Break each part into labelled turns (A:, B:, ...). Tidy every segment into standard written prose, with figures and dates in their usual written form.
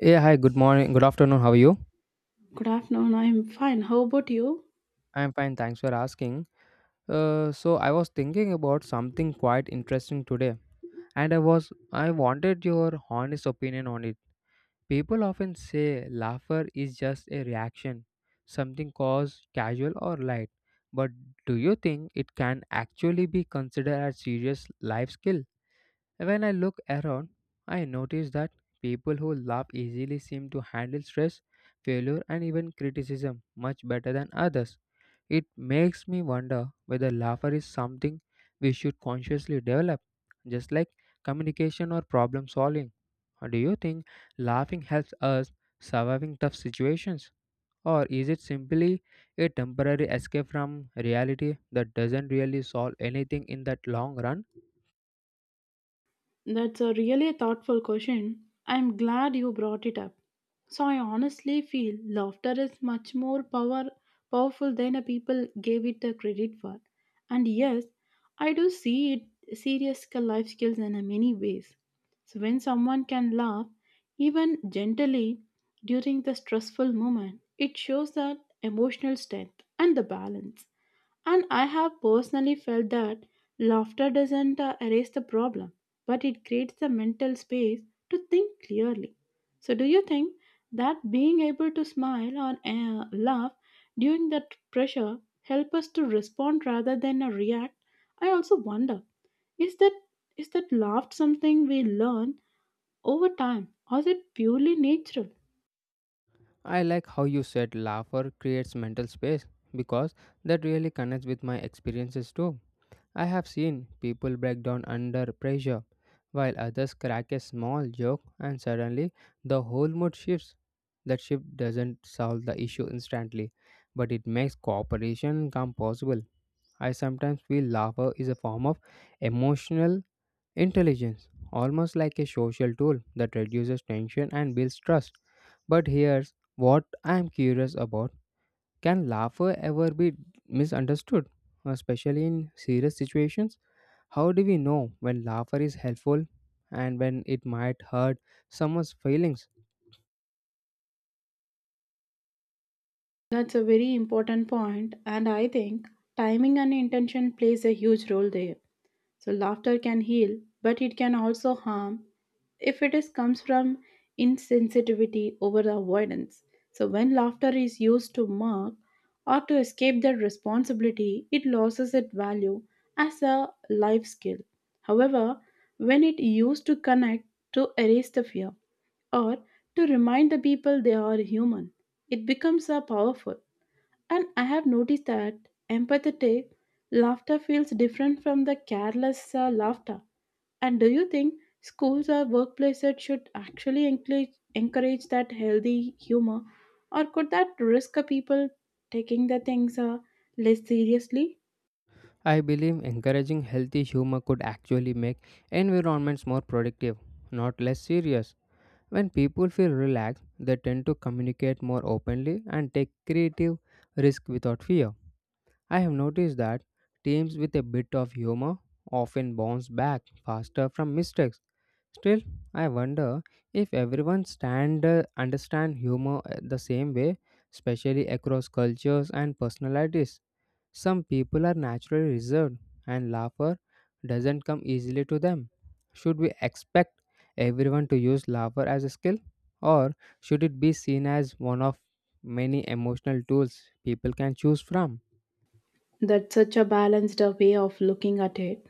A: Yeah, hi, good morning, good afternoon. How are you?
B: Good afternoon. I'm fine. How about you?
A: I'm fine, thanks for asking. So I was thinking about something quite interesting today, and I wanted your honest opinion on it. People often say laughter is just a reaction, something caused casual or light. But do you think it can actually be considered a serious life skill? When I look around, I notice that people who laugh easily seem to handle stress, failure, and even criticism much better than others. It makes me wonder whether laughter is something we should consciously develop, just like communication or problem solving. Or do you think laughing helps us surviving tough situations? Or is it simply a temporary escape from reality that doesn't really solve anything in that long run?
B: That's a really thoughtful question. I'm glad you brought it up. So I honestly feel laughter is much more powerful than a people gave it the credit for. And yes, I do see it life skills in a many ways. So when someone can laugh, even gently during the stressful moment, it shows that emotional strength and the balance. And I have personally felt that laughter doesn't erase the problem, but it creates the mental space to think clearly. So, do you think that being able to smile or laugh during that pressure help us to respond rather than react? I also wonder is that is that laugh something we learn over time or is it purely natural?
A: I like how you said laughter creates mental space because that really connects with my experiences too. I have seen people break down under pressure while others crack a small joke and suddenly the whole mood shifts. That shift doesn't solve the issue instantly, but it makes cooperation come possible. I sometimes feel laughter is a form of emotional intelligence, almost like a social tool that reduces tension and builds trust. But here's what I'm curious about, can laughter ever be misunderstood, especially in serious situations? How do we know when laughter is helpful and when it might hurt someone's feelings?
B: That's a very important point, and I think timing and intention plays a huge role there. So laughter can heal, but it can also harm if it is comes from insensitivity over the avoidance. So when laughter is used to mock or to escape that responsibility, it loses its value as a life skill. However, when it used to connect to erase the fear or to remind the people they are human, it becomes a powerful. And I have noticed that empathetic laughter feels different from the careless laughter. And do you think schools or workplaces should actually encourage that healthy humor, or could that risk a people taking the things less seriously?
A: I believe encouraging healthy humor could actually make environments more productive, not less serious. When people feel relaxed, they tend to communicate more openly and take creative risk without fear. I have noticed that teams with a bit of humor often bounce back faster from mistakes. Still, I wonder if everyone stand understand humor the same way, especially across cultures and personalities. Some people are naturally reserved, and laughter doesn't come easily to them. Should we expect everyone to use laughter as a skill, or should it be seen as one of many emotional tools people can choose from?
B: That's such a balanced way of looking at it.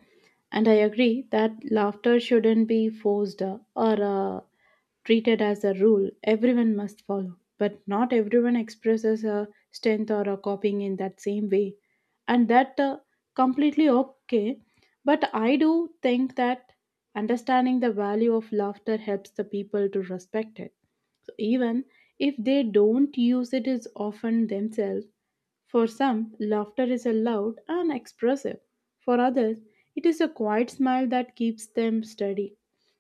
B: And I agree that laughter shouldn't be forced or treated as a rule everyone must follow. But not everyone expresses a strength or a copying in that same way. And that completely okay. But I do think that understanding the value of laughter helps the people to respect it. So even if they don't use it as often themselves, for some, laughter is loud and expressive. For others, it is a quiet smile that keeps them steady.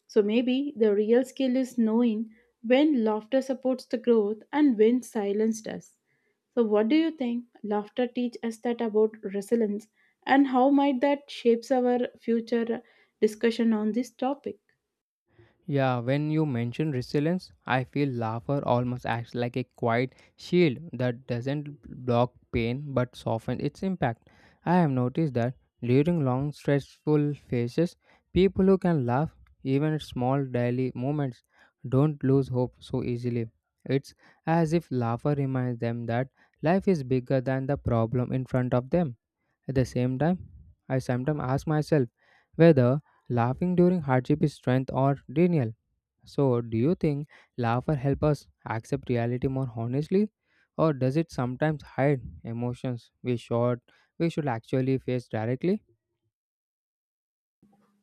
B: So maybe the real skill is knowing when laughter supports the growth and when silence does. So what do you think laughter teach us that about resilience and how might that shapes our future discussion on this topic?
A: Yeah, when you mention resilience, I feel laughter almost acts like a quiet shield that doesn't block pain but softens its impact. I have noticed that during long stressful phases, people who can laugh even at small daily moments don't lose hope so easily. It's as if laughter reminds them that life is bigger than the problem in front of them. At the same time, I sometimes ask myself whether laughing during hardship is strength or denial. So, do you think laughter help us accept reality more honestly, or does it sometimes hide emotions we should actually face directly?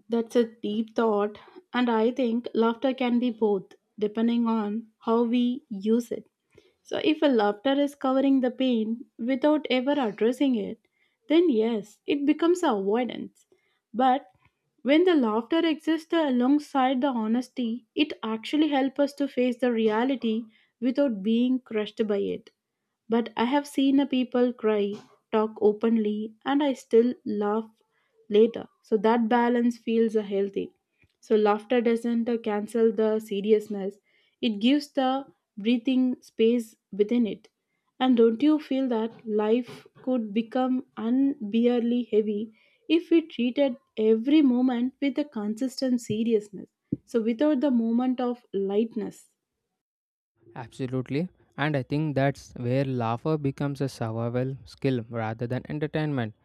B: That's a deep thought and I think laughter can be both depending on how we use it. So, if a laughter is covering the pain without ever addressing it, then yes, it becomes avoidance. But when the laughter exists alongside the honesty, it actually helps us to face the reality without being crushed by it. But I have seen a people cry, talk openly, and I still laugh later. So that balance feels healthy. So laughter doesn't cancel the seriousness. It gives the breathing space within it. And don't you feel that life could become unbearably heavy if we treated every moment with a consistent seriousness? So, without the moment of lightness.
A: Absolutely. And I think that's where laughter becomes a survival skill rather than entertainment.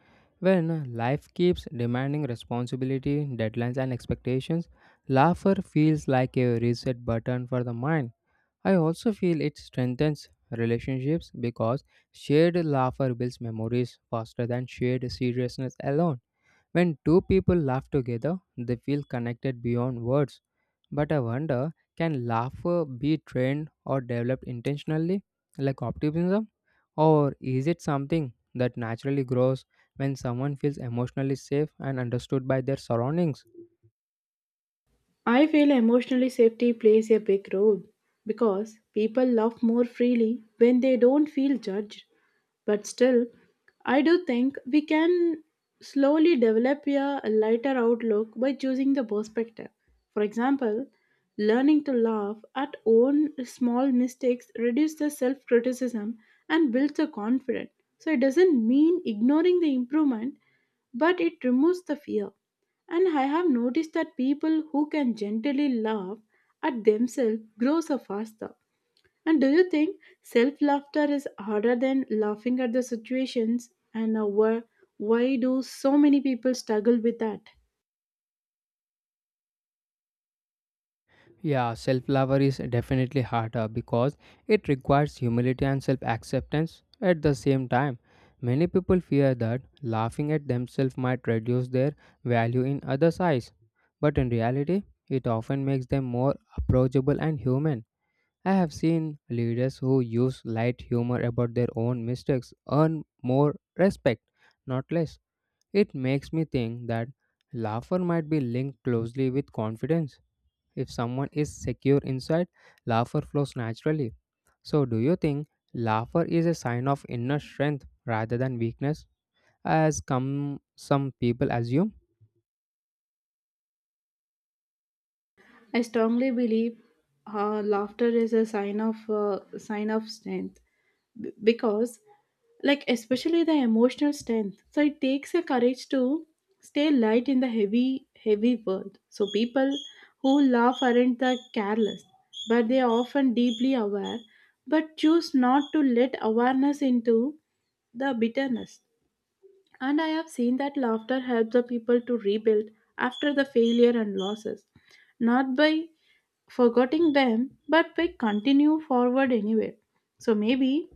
A: When life keeps demanding responsibility, deadlines, and expectations, laughter feels like a reset button for the mind. I also feel it strengthens relationships because shared laughter builds memories faster than shared seriousness alone. When two people laugh together, they feel connected beyond words. But I wonder, can laughter be trained or developed intentionally, like optimism? Or is it something that naturally grows when someone feels emotionally safe and understood by their surroundings?
B: I feel emotionally safety plays a big role because people love more freely when they don't feel judged. But still, I do think we can slowly develop a lighter outlook by choosing the perspective. For example, learning to laugh at own small mistakes reduces the self-criticism and builds the confidence. So it doesn't mean ignoring the improvement, but it removes the fear. And I have noticed that people who can gently laugh at themselves grow so faster. And do you think self laughter is harder than laughing at the situations? And why do so many people struggle with that?
A: Yeah, self love is definitely harder because it requires humility and self acceptance at the same time. Many people fear that laughing at themselves might reduce their value in others' eyes, but in reality, it often makes them more approachable and human. I have seen leaders who use light humor about their own mistakes earn more respect, not less. It makes me think that laughter might be linked closely with confidence. If someone is secure inside, laughter flows naturally. So, do you think laughter is a sign of inner strength rather than weakness, as come some people assume?
B: I strongly believe laughter is a sign of strength because like especially the emotional strength, so it takes a courage to stay light in the heavy world. So people who laugh aren't the careless, but they are often deeply aware but choose not to let awareness into the bitterness. And I have seen that laughter helps the people to rebuild after the failure and losses, not by forgetting them, but we continue forward anyway. So maybe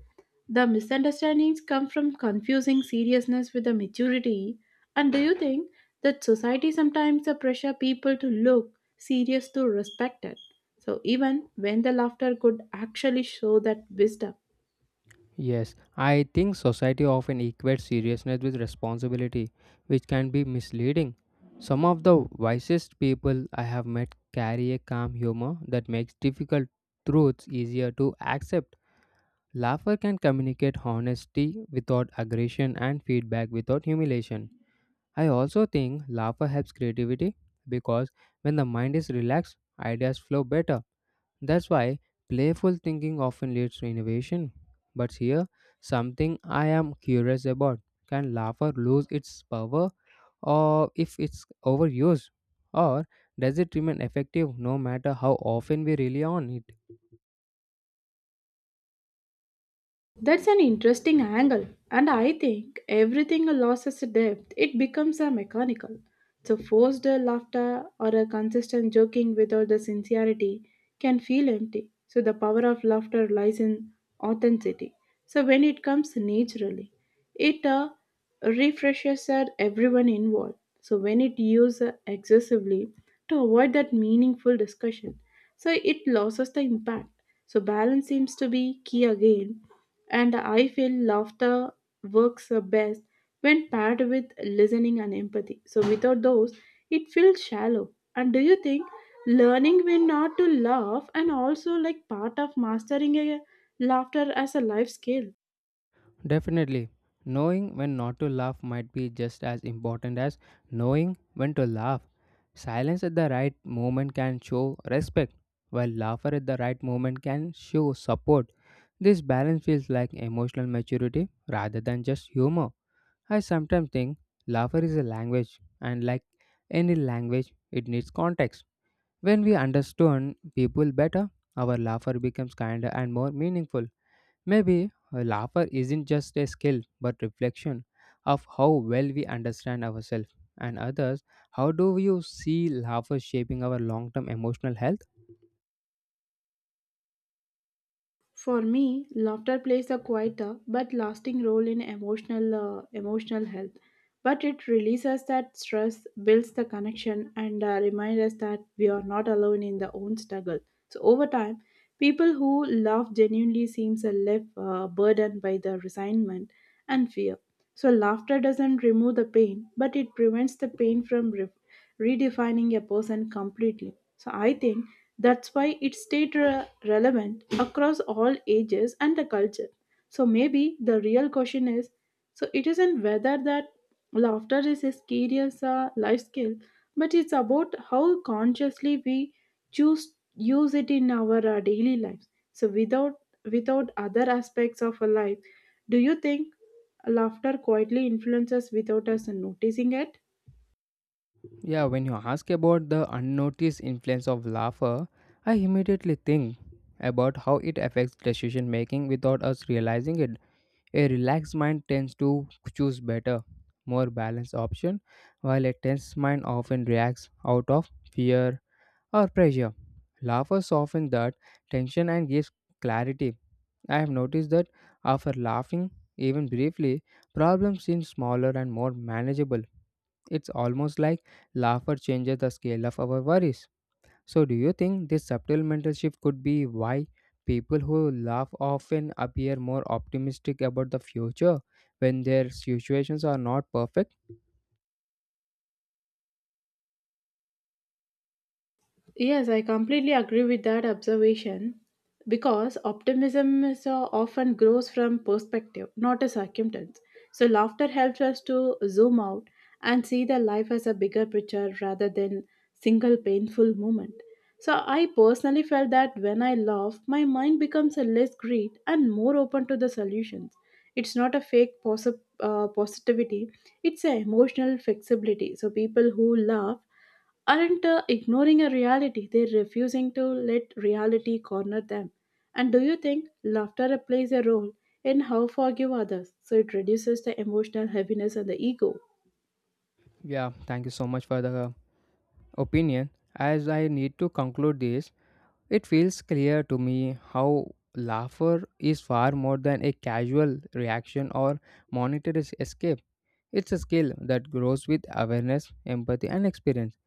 B: the misunderstandings come from confusing seriousness with the maturity. And do you think that society sometimes pressure people to look serious to respected? So even when the laughter could actually show that wisdom.
A: Yes, I think society often equates seriousness with responsibility, which can be misleading. Some of the wisest people I have met carry a calm humor that makes difficult truths easier to accept. Laughter can communicate honesty without aggression and feedback without humiliation. I also think laughter helps creativity because when the mind is relaxed, ideas flow better. That's why playful thinking often leads to innovation. But here, something I am curious about, can laughter lose its power or if it's overused? Or does it remain effective no matter how often we rely on it?
B: That's an interesting angle, and I think everything loses depth. It becomes a mechanical. So forced laughter or a consistent joking without the sincerity can feel empty. So the power of laughter lies in authenticity. So when it comes naturally, it refreshes everyone involved. So when it used excessively to avoid that meaningful discussion, so it loses the impact. So balance seems to be key again and I feel laughter works best when paired with listening and empathy. So without those, it feels shallow. And do you think learning when not to laugh and also like part of mastering a laughter as a life skill?
A: Definitely. Knowing when not to laugh might be just as important as knowing when to laugh. Silence at the right moment can show respect, while laughter at the right moment can show support. This balance feels like emotional maturity rather than just humor. I sometimes think laughter is a language, and like any language, it needs context. When we understand people better, our laughter becomes kinder and more meaningful. Maybe laughter isn't just a skill but reflection of how well we understand ourselves and others. How do you see laughter shaping our long-term emotional health?
B: For me, laughter plays a quieter but lasting role in emotional health. But it releases that stress, builds the connection, and reminds us that we are not alone in the own struggle. So over time, people who laugh genuinely seems a less burdened by the resignment and fear. So, laughter doesn't remove the pain, but it prevents the pain from redefining a person completely. So, I think that's why it stayed relevant across all ages and the culture. So, maybe the real question is so it isn't whether that laughter is a skill as a life skill, but it's about how consciously we choose use it in our daily lives. So, without other aspects of our life, do you think laughter quietly influences us without us noticing it?
A: Yeah, when you ask about the unnoticed influence of laughter, I immediately think about how it affects decision making without us realizing it. A relaxed mind tends to choose better, more balanced option, while a tense mind often reacts out of fear or pressure. Laughter softens that tension and gives clarity. I have noticed that after laughing, even briefly, problems seem smaller and more manageable. It's almost like laughter changes the scale of our worries. So, do you think this subtle mental shift could be why people who laugh often appear more optimistic about the future when their situations are not perfect?
B: Yes, I completely agree with that observation because optimism is, often grows from perspective, not a circumstance. So, laughter helps us to zoom out and see the life as a bigger picture rather than single painful moment. So, I personally felt that when I laugh, my mind becomes a less greed and more open to the solutions. It's not a fake positivity; it's an emotional flexibility. So, people who laugh aren't ignoring a reality, they're refusing to let reality corner them. And do you think laughter plays a role in how forgive others? So it reduces the emotional heaviness and the ego.
A: Yeah, thank you so much for the opinion. As I need to conclude this, it feels clear to me how laughter is far more than a casual reaction or monetary escape. It's a skill that grows with awareness, empathy, and experience,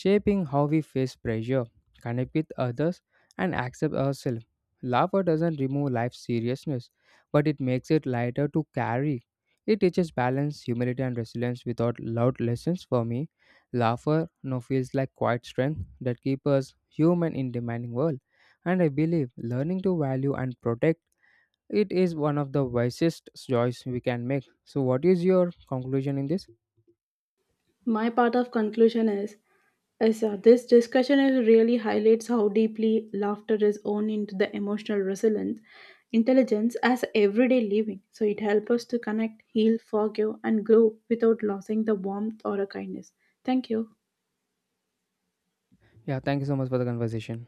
A: shaping how we face pressure, connect with others, and accept ourselves. Laughter doesn't remove life's seriousness, but it makes it lighter to carry. It teaches balance, humility, and resilience without loud lessons for me. Laughter now feels like quiet strength that keeps us human in demanding world. And I believe learning to value and protect it is one of the wisest choice we can make. So, what is your conclusion in this?
B: My part of conclusion is this discussion is really highlights how deeply laughter is owned into the emotional resilience, intelligence as everyday living. So it helps us to connect, heal, forgive, and grow without losing the warmth or a kindness. Thank you.
A: Yeah, thank you so much for the conversation.